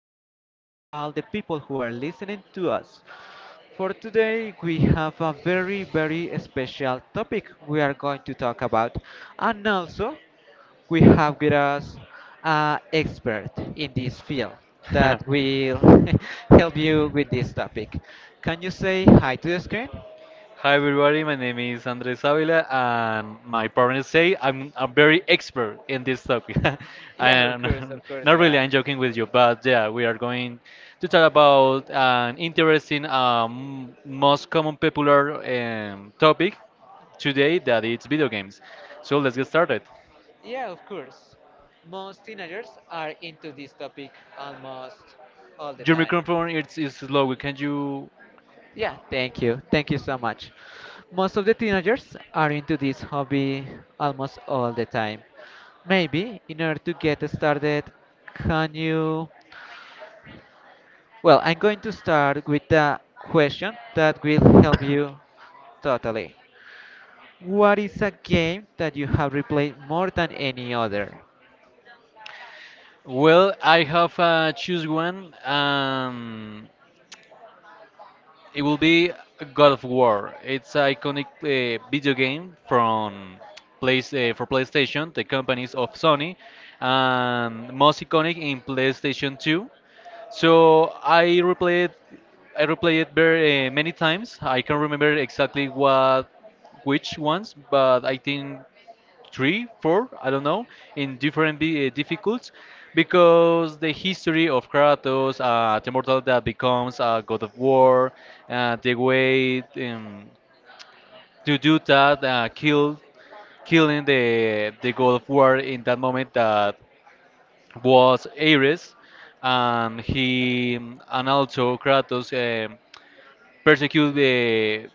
afternoon to all the people who are listening to us. For today, we have a very, very special topic we are going to talk about. And also, we have with us an expert in this field Hi that will help you with this topic. Can you say hi to the screen? everybody, my name is Andres Avila and my partners say I'm a very expert in this topic. Yeah, And of course not you really, are. I'm joking with you, but yeah, we are going to talk about an interesting, most common popular topic today that it's video games. So let's get started. Yeah, of course. Most teenagers are into this topic almost all the Your time. microphone is low. Can you? Yeah, thank you. Thank you so much. Most of the teenagers are into this hobby almost all the time. Maybe in order to get started, can you? Well, I'm going to start with a question that will help you totally. What is a game that you have replayed more than any other? Well, I have choose one. It will be God of War. It's an iconic video game from place for PlayStation, the companies of Sony, and most iconic in PlayStation 2. So I replayed I replayed it very many times. I can't remember exactly what which ones, but I think three, four, I don't know, in different difficulties, because the history of Kratos, the mortal that becomes a god of war, the way to do that, killing the god of war in that moment that was Ares, and he and also Kratos persecuted the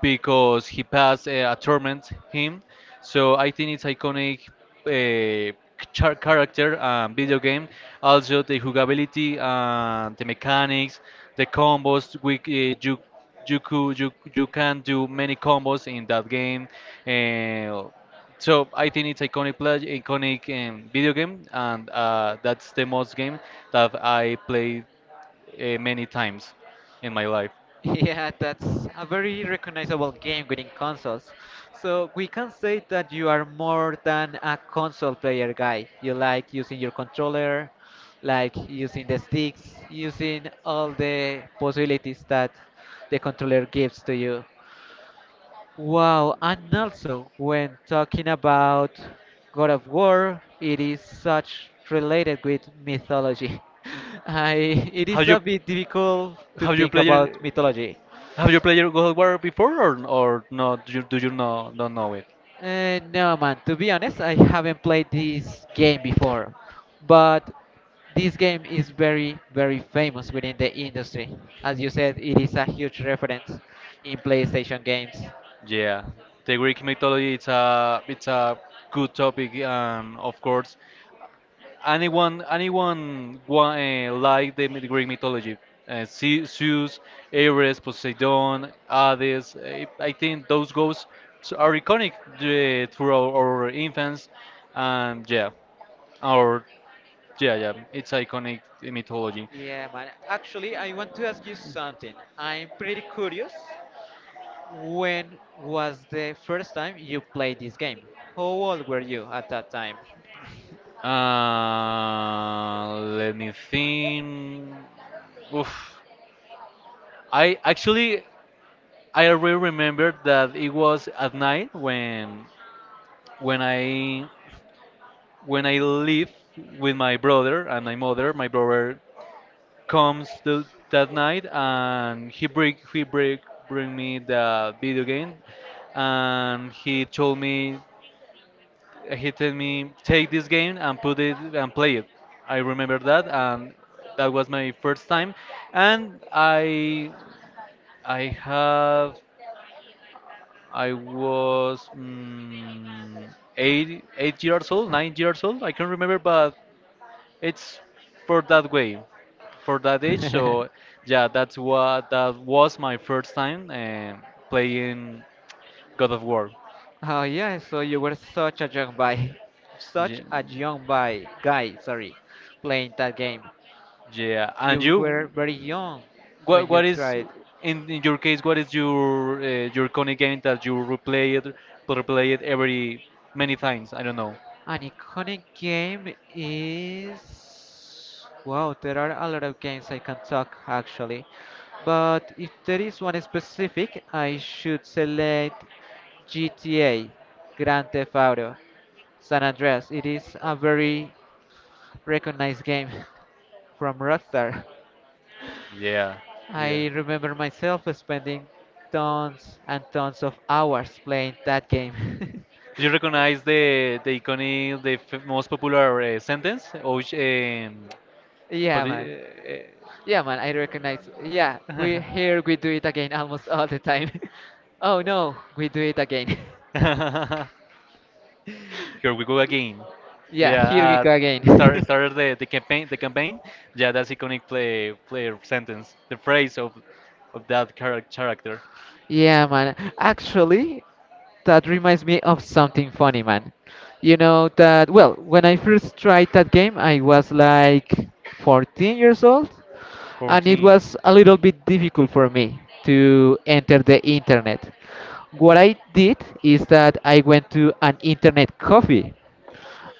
because he passed a torment him. So I think it's iconic uh, character video game. Also the jugability, the mechanics, the combos. We you you, could, you can do many combos in that game. Uh, so I think it's iconic video game, and that's the most game that I played many times in my life. Yeah, that's a very recognizable game within consoles. So we can say that you are more than a console player guy. You like using your controller, like using the sticks, using all the possibilities that the controller gives to you. Wow, and also when talking about God of War, it is such related with mythology. It Have is you a bit difficult to have you think played about mythology. Have you played your God of War before or not? Do you know don't know it? No, man. To be honest, I haven't played this game before, but this game is very, very famous within the industry. As you said, it is a huge reference in PlayStation games. Yeah, the Greek mythology, it's a good topic, and of course anyone like Greek mythology, Zeus, Ares, Poseidon, Hades. I think those ghosts are iconic throughout our infants, and yeah, our yeah, it's iconic mythology. Yeah, man. Actually, I want to ask you something. I'm pretty curious. When was the first time you played this game? How old were you at that time? Let me think. Oof. I actually I really remember that it was at night when when I when I live with my brother and my mother. My brother comes to that night and he bring me the video game, and he told me take this game and put it and play it. I remember that, and that was my first time, and I have I was eight eight years old 9 years old, I can't remember, but it's for that way for that age. So yeah, that was my first time playing God of War. Oh yeah, so you were such a young boy, such Ye- a young boy guy. Sorry, playing that game. yeah. And You were you, very young when what you is tried. In your case? What is your iconic game that you replay it every many times? I don't know. An iconic game is. Wow, there are a lot of games I can talk actually. But if there is one specific, I should select GTA, Grand Theft Auto, San Andreas. It is a very recognized game from Rockstar. Yeah, yeah. I remember myself spending tons and tons of hours playing that game. Do you recognize the iconic, the f most popular sentence? Or which, how Yeah, do man. you, Yeah, man, I recognize. Yeah, we uh, here we do it again almost all the time. Oh no, we do it again. uh, Here we go again. Yeah, here we Yeah, go again. Started the campaign. Yeah, that's iconic player sentence. The phrase of that character. Yeah, man. Actually, that reminds me of something funny, man. You know that, well, when I first tried that game, I was like 14 years old, and it 14. was a little bit difficult for me to enter the internet. What I did is that I went to an internet coffee.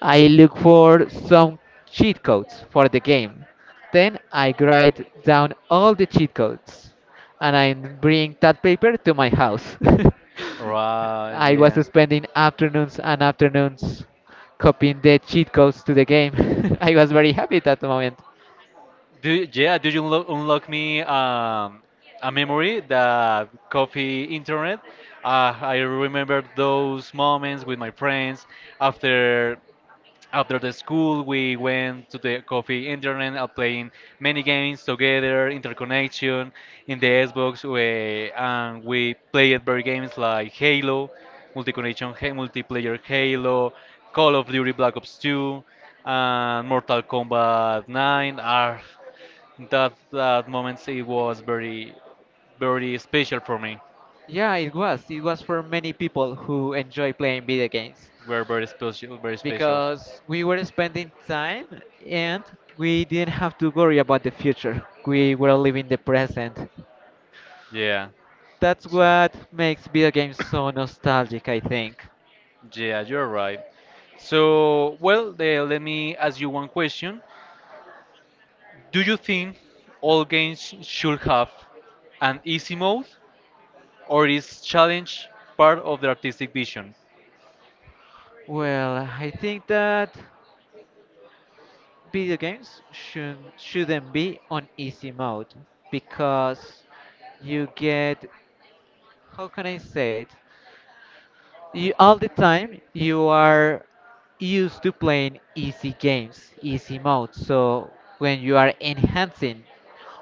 I look for some cheat codes for the game. Then I write down all the cheat codes and I bring that paper to my house. Right, I was yeah. spending afternoons and afternoons copying the cheat codes to the game. I was very happy at that moment. Did you unlock me a memory? The coffee internet? I remember those moments with my friends after after the school. We went to the coffee internet and playing many games together, interconnection in the Xbox, and we played very games like Halo, multiplayer Halo, Call of Duty Black Ops 2, and Mortal Kombat 9. Are That moments, it was very very special for me. Yeah, it was. It was for many people who enjoy playing video games. Were very special, very special. Because we were spending time and we didn't have to worry about the future. We were living the present. Yeah. That's what makes video games so nostalgic, I think. Yeah, you're right. So, well, let me ask you one question. Do you think all games should have an easy mode, or is challenge part of the artistic vision? Well, I think that shouldn't be on easy mode because you get, how can I say it? You all the time you are used to playing easy games, easy mode. So when you are enhancing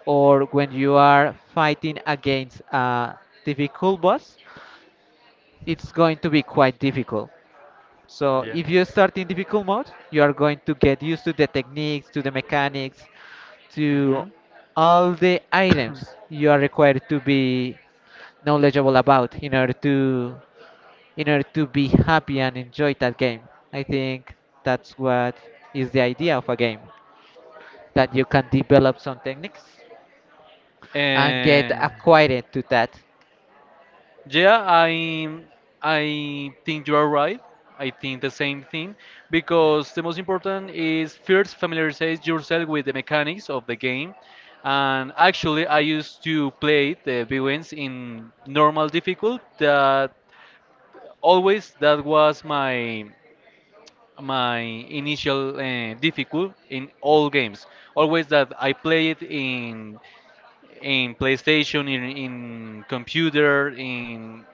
or when you are fighting against a difficult boss, it's going to be quite difficult. So Yeah. if you start in difficult mode, you are going to get used to the techniques, to the mechanics, Hmm. to all the items you are required to be knowledgeable about in order to be happy and enjoy that game. I think that's what is the idea of a game that you can develop some techniques and get Eh, acquainted to that. Yeah, I think you are right. I think the same thing, because the most important is first familiarize yourself with the mechanics of the game. And actually, I used to play the big ones in normal difficult. That Always that was my my initial difficult in all games. Always that I play it in PlayStation, in computer, in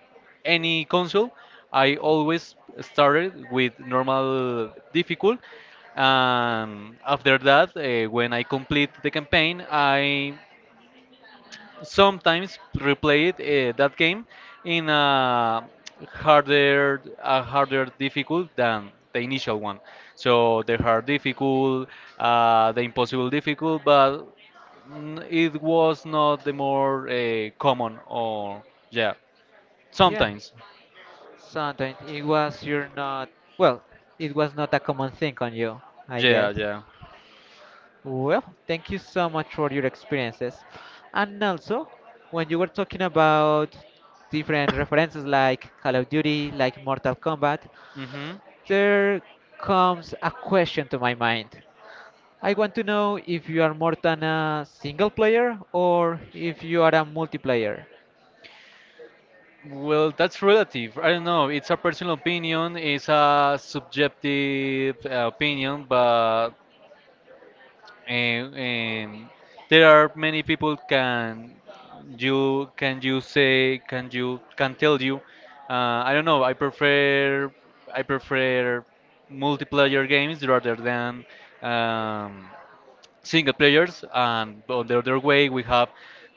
any console, I always started with normal difficult. And after that, when I complete the campaign, I sometimes replay it, that game in a a harder difficult than the initial one. So the hard difficult, the impossible difficult, but it was not the more common, or yeah, Yeah, sometimes, sometimes it was you're not well, it was not a common thing on you, I yeah, guess. yeah. Well, thank you so much for your experiences. And also, when you were talking about different references like Call of Duty, like Mortal Kombat, Hmm. there comes a question to my mind. I want to know if you are more than a single player or if you are a multiplayer. Well, that's relative. I don't know. It's a personal opinion. It's a subjective opinion, but um, um, there are many people can you can tell you. I don't know. I prefer multiplayer games rather than um, single players, and on the other way, we have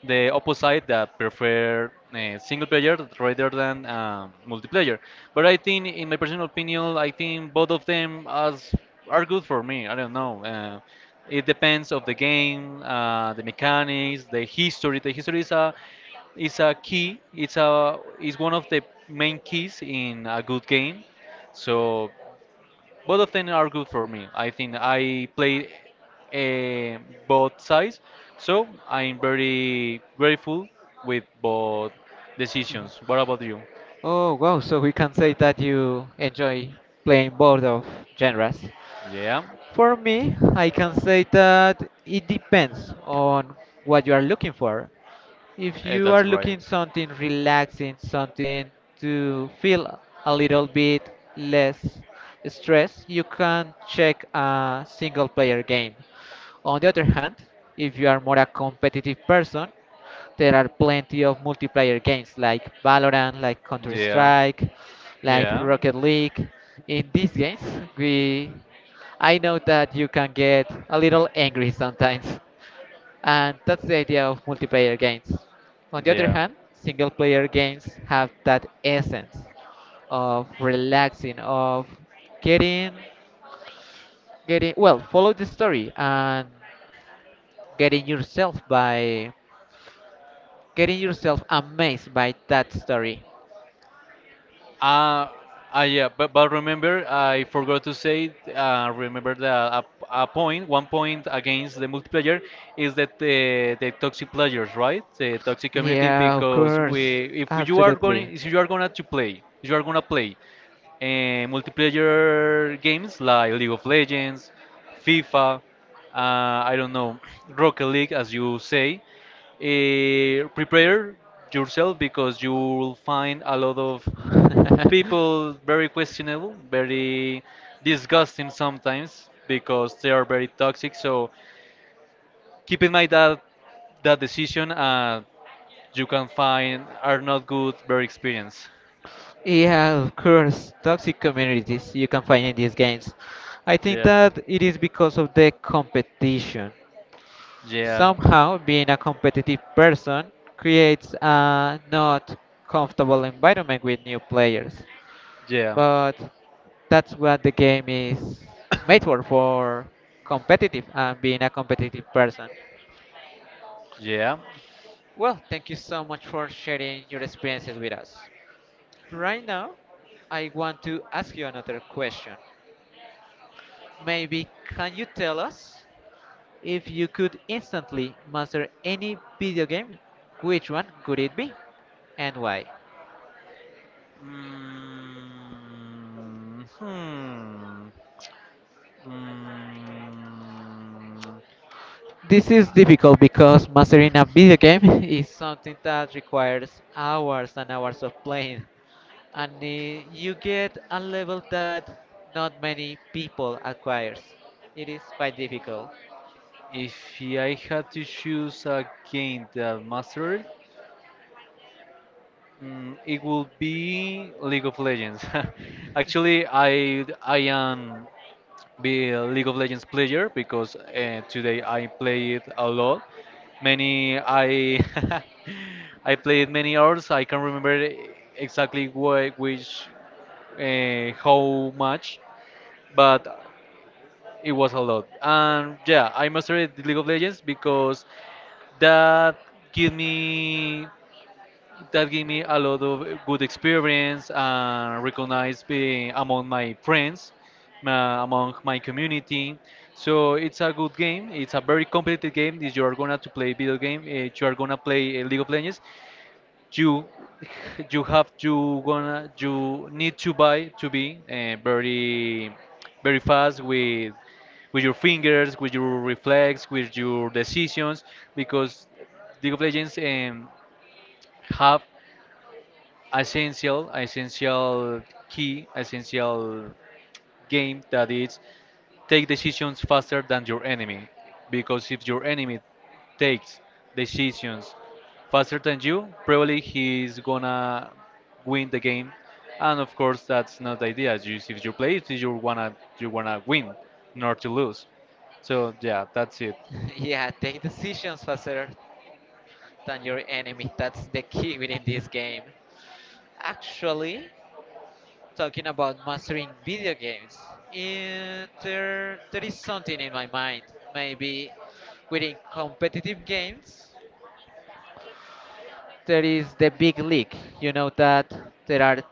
the opposite that prefer single player rather than multiplayer. But I think, in my personal opinion, I think both of them as are good for me. I don't know. It depends of the game, the mechanics, the history. Is a key. It's a is one of the main keys in a good game. So both of them are good for me. I think I play uh, both sides, so I'm very grateful with both decisions. What about you? Oh wow, so we can say that you enjoy playing both of genres. Yeah, For me, I can say that it depends on what you are looking for. If you are that's right. looking something relaxing, something to feel a little bit less stress, you can check a single player game. On the other hand, if you are more a competitive person, there are plenty of multiplayer games like Valorant, like Counter Yeah, Strike, like yeah, Rocket League. In these games, we I know that you can get a little angry sometimes and that's the idea of multiplayer games. On the other yeah. hand, single player games have that essence of relaxing, of getting getting well, follow the story and getting yourself by getting yourself amazed by that story. Uh, yeah, but remember, I forgot to say, remember that a point, one point against the multiplayer is that the toxic players, right? The toxic community, Yeah, of because course. If you are going, Absolutely. if you are gonna to play, if you are gonna play multiplayer games like League of Legends, FIFA, I don't know, Rocket League, as you say, prepare yourself because you will find a lot of people very questionable, very disgusting sometimes because they are very toxic. So keep in mind that that decision you can find are not good, very experienced. Yeah, of course, toxic communities you can find in these games. I think Yeah, that it is because of the competition. yeah, Somehow, being a competitive person creates a not comfortable environment with new players. yeah, But that's what the game is made for competitive and being a competitive person. yeah. Well, thank you so much for sharing your experiences with us. Right now, I want to ask you another question. Maybe can you tell us if you could instantly master any video game, which one could it be and why? Mm, hmm. Mm, This is difficult because mastering a video game is something that requires hours and hours of playing, and you get a level that not many people acquires. It is quite difficult. if I had to choose again, it will be League of Legends. Actually, I am be a League of Legends player because today I play it a lot. Many I I played many hours. I can't remember exactly which how much, but it was a lot. And yeah, I mastered League of Legends because that give me that gave me a lot of good experience and recognized among my friends, among my community. So it's a good game. It's a very competitive game. If you are gonna to play video game, you are gonna play League of Legends. You you need to buy to be very very fast with your fingers, with your reflex, with your decisions, because League of Legends have essential essential essential game that is take decisions faster than your enemy, because if your enemy takes decisions faster than you, probably he's gonna win the game. And of course that's not the idea. If you play it, you wanna win, not to lose. So yeah, that's it. Yeah, take decisions faster than your enemy. That's the key within this game. Actually, talking about mastering video games. And there is something in my mind. Maybe within competitive games, there is the big league. You know that there are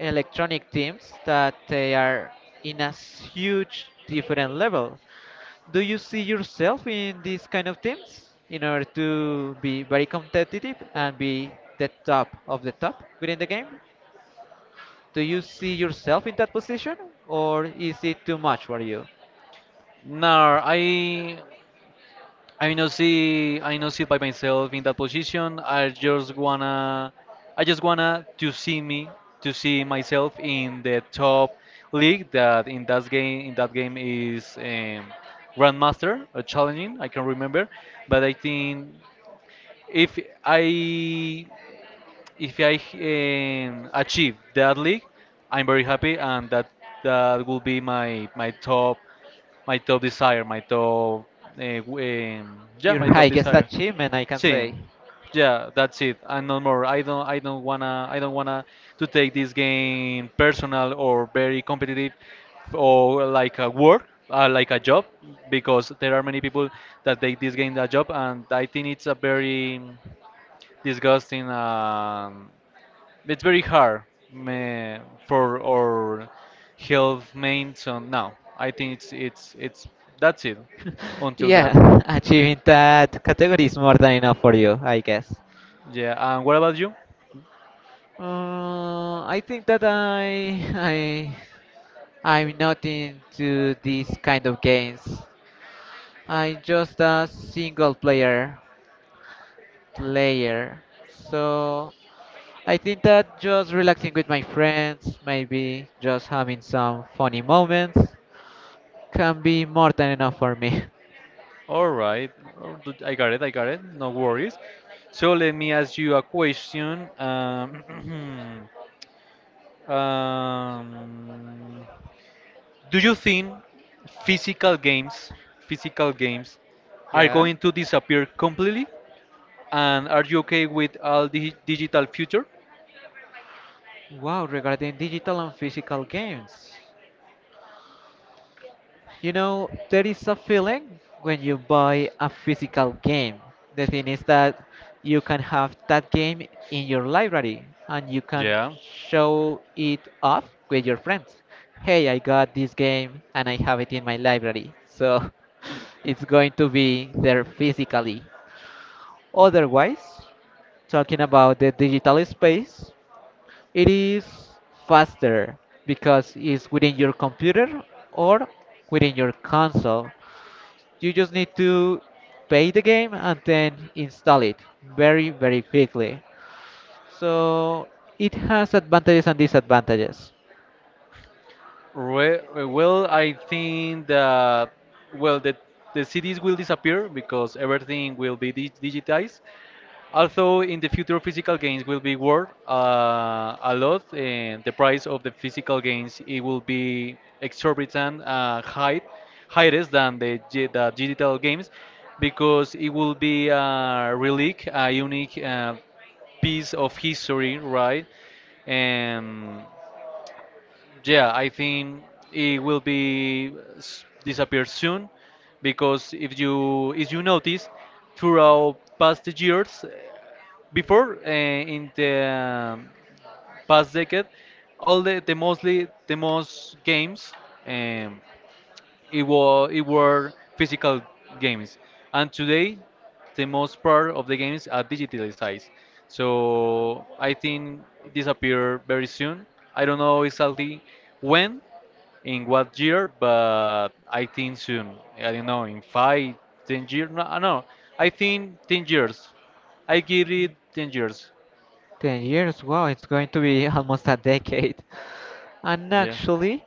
electronic teams that they are in a huge different level. Do you see yourself in these kind of teams in order to be very competitive and be the top of the top within the game? Do you see yourself in that position, or is it too much for you? Now I not see by myself in that position. I just wanna to see me to see myself in the top league, that in that game is Grandmaster or challenging, I can remember, but I think if I if I achieve that league, I'm very happy, and that will be my top desire my top yeah, Your my top highest desire. achievement, I can See, say. yeah, that's it, and no more. I don't wanna to take this game personal or very competitive, or like a work, like a job, because there are many people that take this game a job, and I think it's a very disgusting. It's very hard meh, for our health main. So no, I think it's it's that's it until that. Yeah, achieving that category is more than enough for you, I guess. Yeah, and what about you? I think that I'm not into these kind of games. I'm just a single player player. So I think that just relaxing with my friends, maybe just having some funny moments, can be more than enough for me. All right. Oh, I got it, no worries. So let me ask you a question. Um, do you think physical games, physical games are Yeah. going to disappear completely? And are you okay with all the digital future? Wow, regarding digital and physical games. You know, there is a feeling when you buy a physical game. The thing is that you can have that game in your library and you can Yeah. show it off with your friends. Hey, I got this game and I have it in my library. So it's going to be there physically. Otherwise, talking about the digital space, it is faster because it's within your computer or within your console. You just need to pay the game and then install it very, very quickly. So it has advantages and disadvantages. Re Well, I think that well, the the CDs will disappear because everything will be digitized. Although in the future physical games will be worth a lot, and the price of the physical games, it will be exorbitant high, higher than the, the digital games, because it will be a relic, a unique piece of history, right? And yeah, I think it will disappear soon because if you notice throughout past years before in the past decade all the mostly the most games um, it were physical games, and today the most part of the games are digitalized. So I think it disappear very soon. I don't know exactly when, in what year, but I think soon. I don't know, in 5 10 years. No, I think 10 years. I give it 10 years. 10 years? Wow, it's going to be almost a decade. And Yeah, actually,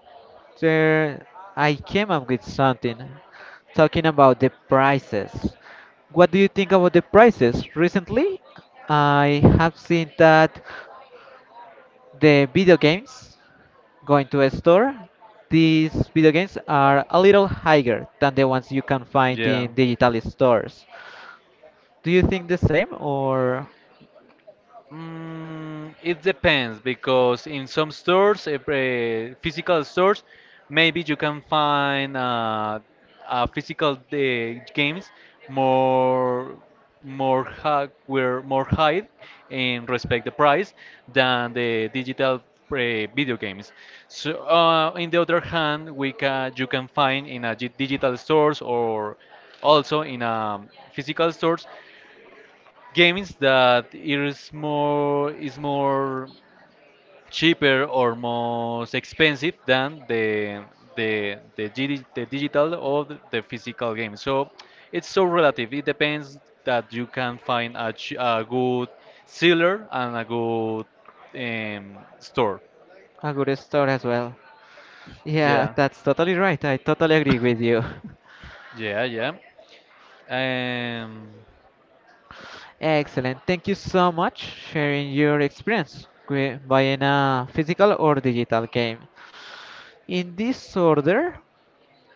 there I came up with something talking about the prices. What do you think about the prices? Recently, I have seen that the video games going to a store, these video games are a little higher than the ones you can find yeah. in digital stores. Do you think the same or Mm, it depends, because in some stores, physical stores, maybe you can find physical games more more high, where more high in respect the price than the digital video games. So in the other hand, we can you can find in a digital stores or also in physical stores games that it is more cheaper or most expensive than the digital or the physical game. So it's so relative. It depends that you can find a, a good seller and a good store. a good store as well? Yeah, Yeah, that's totally right. I totally agree with you. yeah, yeah. Um, Excellent. Thank you so much sharing your experience wi- buying a physical or digital game. In this order,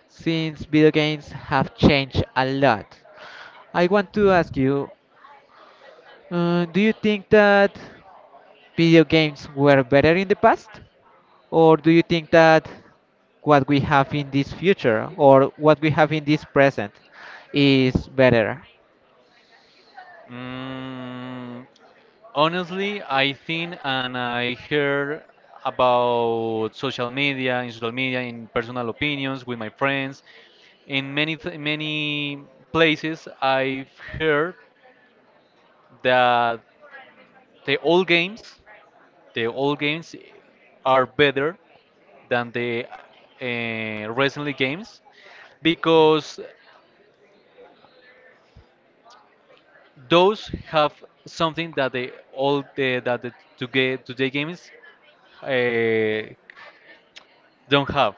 since video games have changed a lot, I want to ask you, do you think that video games were better in the past? Or do you think that what we have in this future or what we have in this present is better? mm, honestly, I think, and I heard about social media, in personal opinions with my friends, in many places. I've heard that the old games, the old games, are better than the recently games, because those have something that the old the that the today today games uh, don't have.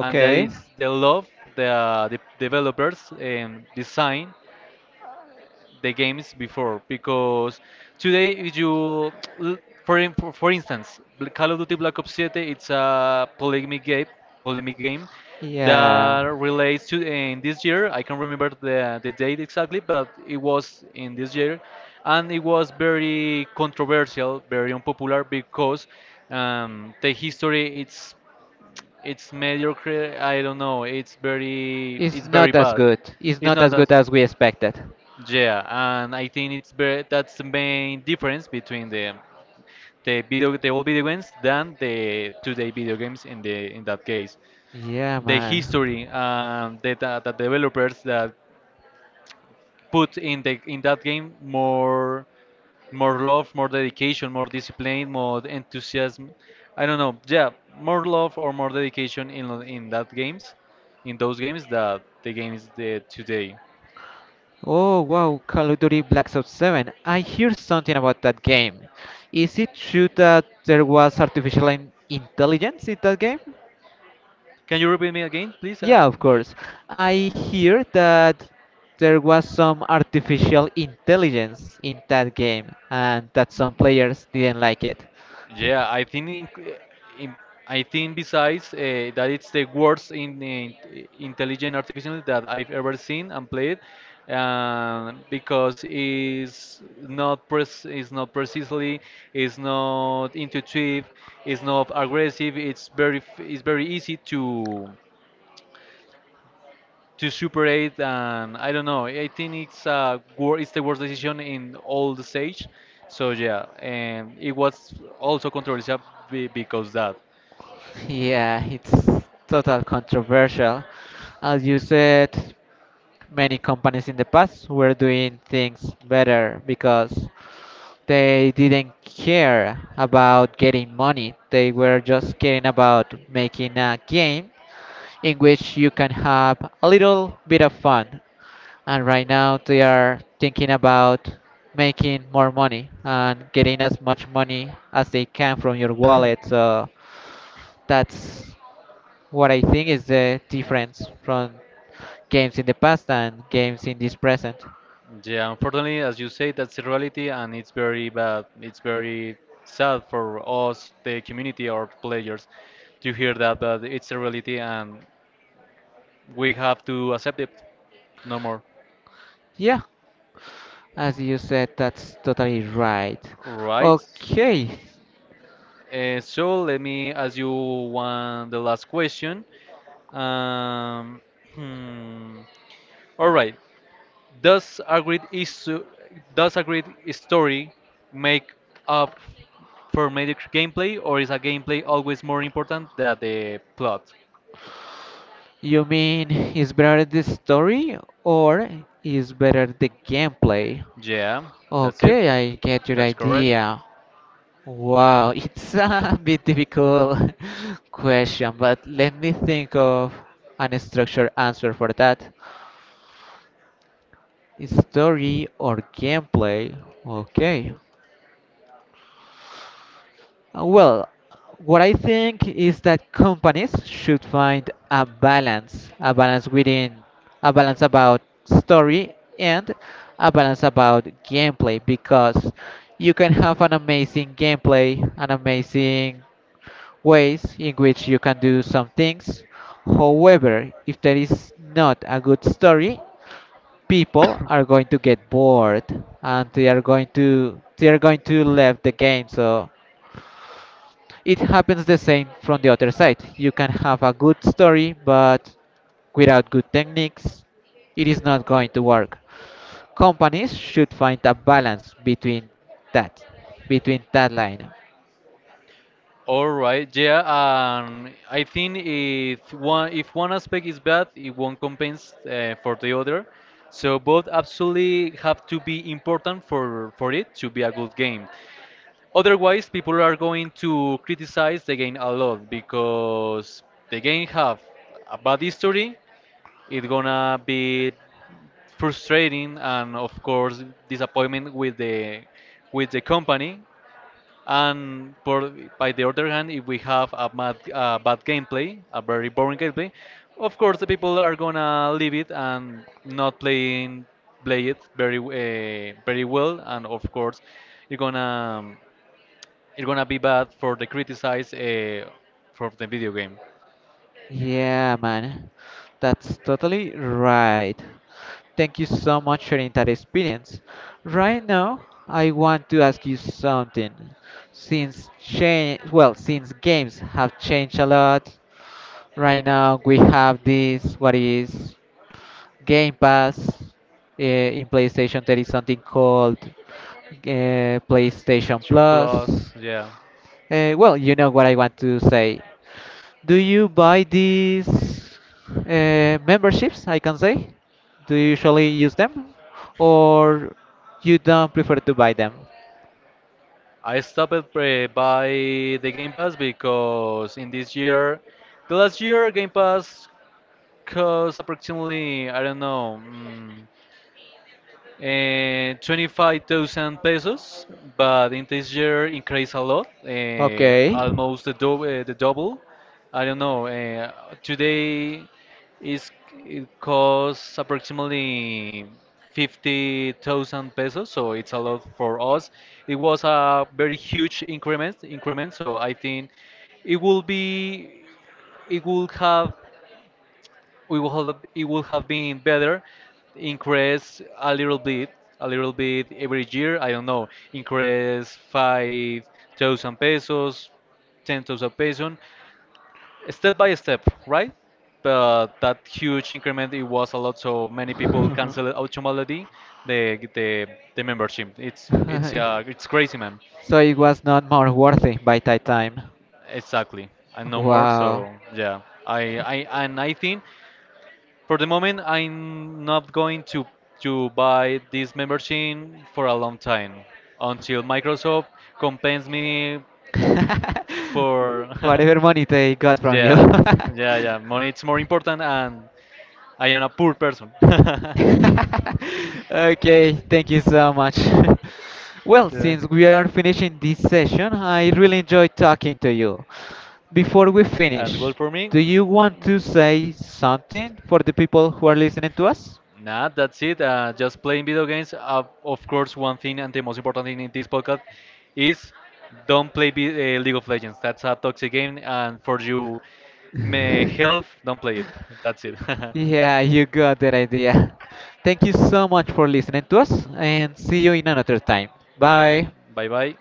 And that is the love, the developers design the games before. Because today, if you, l- for in- for for instance, Call of Duty Black Ops 7, it's a polemic game Yeah. that relates to in this year. I can't remember the date exactly, but it was in this year, and it was very controversial, very unpopular, because the history it's mediocre. I don't know. It's It's very not as bad. good. It's It's not not as good as, as we expected. yeah, and I think it's very, that's the main difference between the old video games than the today video games in the in that case. Yeah, The man. history and the developers that put in the in that game more, more love, more dedication, more discipline, more enthusiasm. I don't know. Yeah, more love or more dedication in that games, in those games that the games the today. Oh wow, Call of Duty Black Ops 7. I hear something about that game. Is it true that there was artificial in- intelligence in that game? Can you repeat me again, please? Yeah, of course. I hear that there was some artificial intelligence in that game and that some players didn't like it. Yeah, I think in, I think besides that it's the worst in intelligent artificial that I've ever seen and played, because it's not precisely, it's not intuitive, it's not aggressive. It's it's very easy to Super 8, and I don't know. I think it's wor it's the worst decision in all the stage. So yeah, and it was also controversial because that. Yeah, it's total controversial. As you said, many companies in the past were doing things better because they didn't care about getting money. They were just caring about making a game in which you can have a little bit of fun. And right now they are thinking about making more money and getting as much money as they can from your wallet. So that's what I think is the difference from games in the past and games in this present. Yeah, unfortunately, as you say, that's the reality, and it's very bad. It's very sad for us, the community, or players, to hear that. But it's a reality, and we have to accept it. No more. Yeah, as you said, that's totally right. Right. Okay, So let me ask you one, the last question. Um, hmm. All right. Does a great issue, does a great story make up for mediocre gameplay, or is a gameplay always more important than the plot? you mean is better the story or is better the gameplay? Yeah, that's it. Okay, I get your That's correct. idea. Wow, it's a bit difficult question, but let me think of an structured answer for that. Story or gameplay? Okay. Well, what I think is that companies should find a balance within, a balance about story and a balance about gameplay because you can have an amazing gameplay, an amazing ways in which you can do some things. However, if there is not a good story, people are going to get bored and they are going to leave the game. So it happens the same from the other side. You can have a good story, but without good techniques, it is not going to work. Companies should find a balance between that, between that line. All right. Yeah. I think if one aspect is bad, it won't compensate for the other. So both absolutely have to be important for it to be a good game. Otherwise, people are going to criticize the game a lot because the game have a bad history. It's gonna be frustrating, and of course disappointment with the company. And for by the other hand, if we have a bad, bad gameplay, a very boring gameplay, of course the people are gonna leave it and not play it very very well. And of course, you're gonna, it's gonna be bad for the criticize for the video game. Yeah, man, that's totally right. Thank you so much for sharing that experience. Right now, I want to ask you something. Since games have changed a lot, right now we have this what is Game Pass in PlayStation. There is something called PlayStation Sean Plus. Plus, yeah. Well, you know what I want to say. Do you buy these memberships? I can say. Do you usually use them, or you don't prefer to buy them? I stopped by the Game Pass, because in this year, the last year Game Pass cost approximately, I don't know. 25,000 pesos, but in this year increased a lot, Okay. almost the double. I don't know. Today is it costs approximately 50,000 pesos, so it's a lot for us. It was a very huge increment, so I think it will be, it will have we will have, it would have been better increase a little bit, a little bit every year. I don't know, increase 5,000 pesos, 10,000 pesos, step by step, right? But that huge increment, it was a lot, so many people canceled automatically the the, the membership. It's it's crazy, man. So it was not more worthy by that time. Exactly, and no more. Wow. So yeah, I and I think, for the moment, I'm not going to buy this membership for a long time until Microsoft compensates me for. Whatever money they got from you. Yeah, yeah, yeah. Money is more important, and I am a poor person. Okay, thank you so much. Well, Yeah, since we are finishing this session, I really enjoyed talking to you. Before we as well finish, for me. do you want to say something for the people who are listening to us? Nah, that's it. Just playing video games. Of course, one thing and the most important thing in this podcast is, don't play B League of Legends. That's a toxic game, and for you, me health, don't play it. That's it. Yeah, you got that idea. Thank you so much for listening to us and see you in another time. Bye. Bye bye.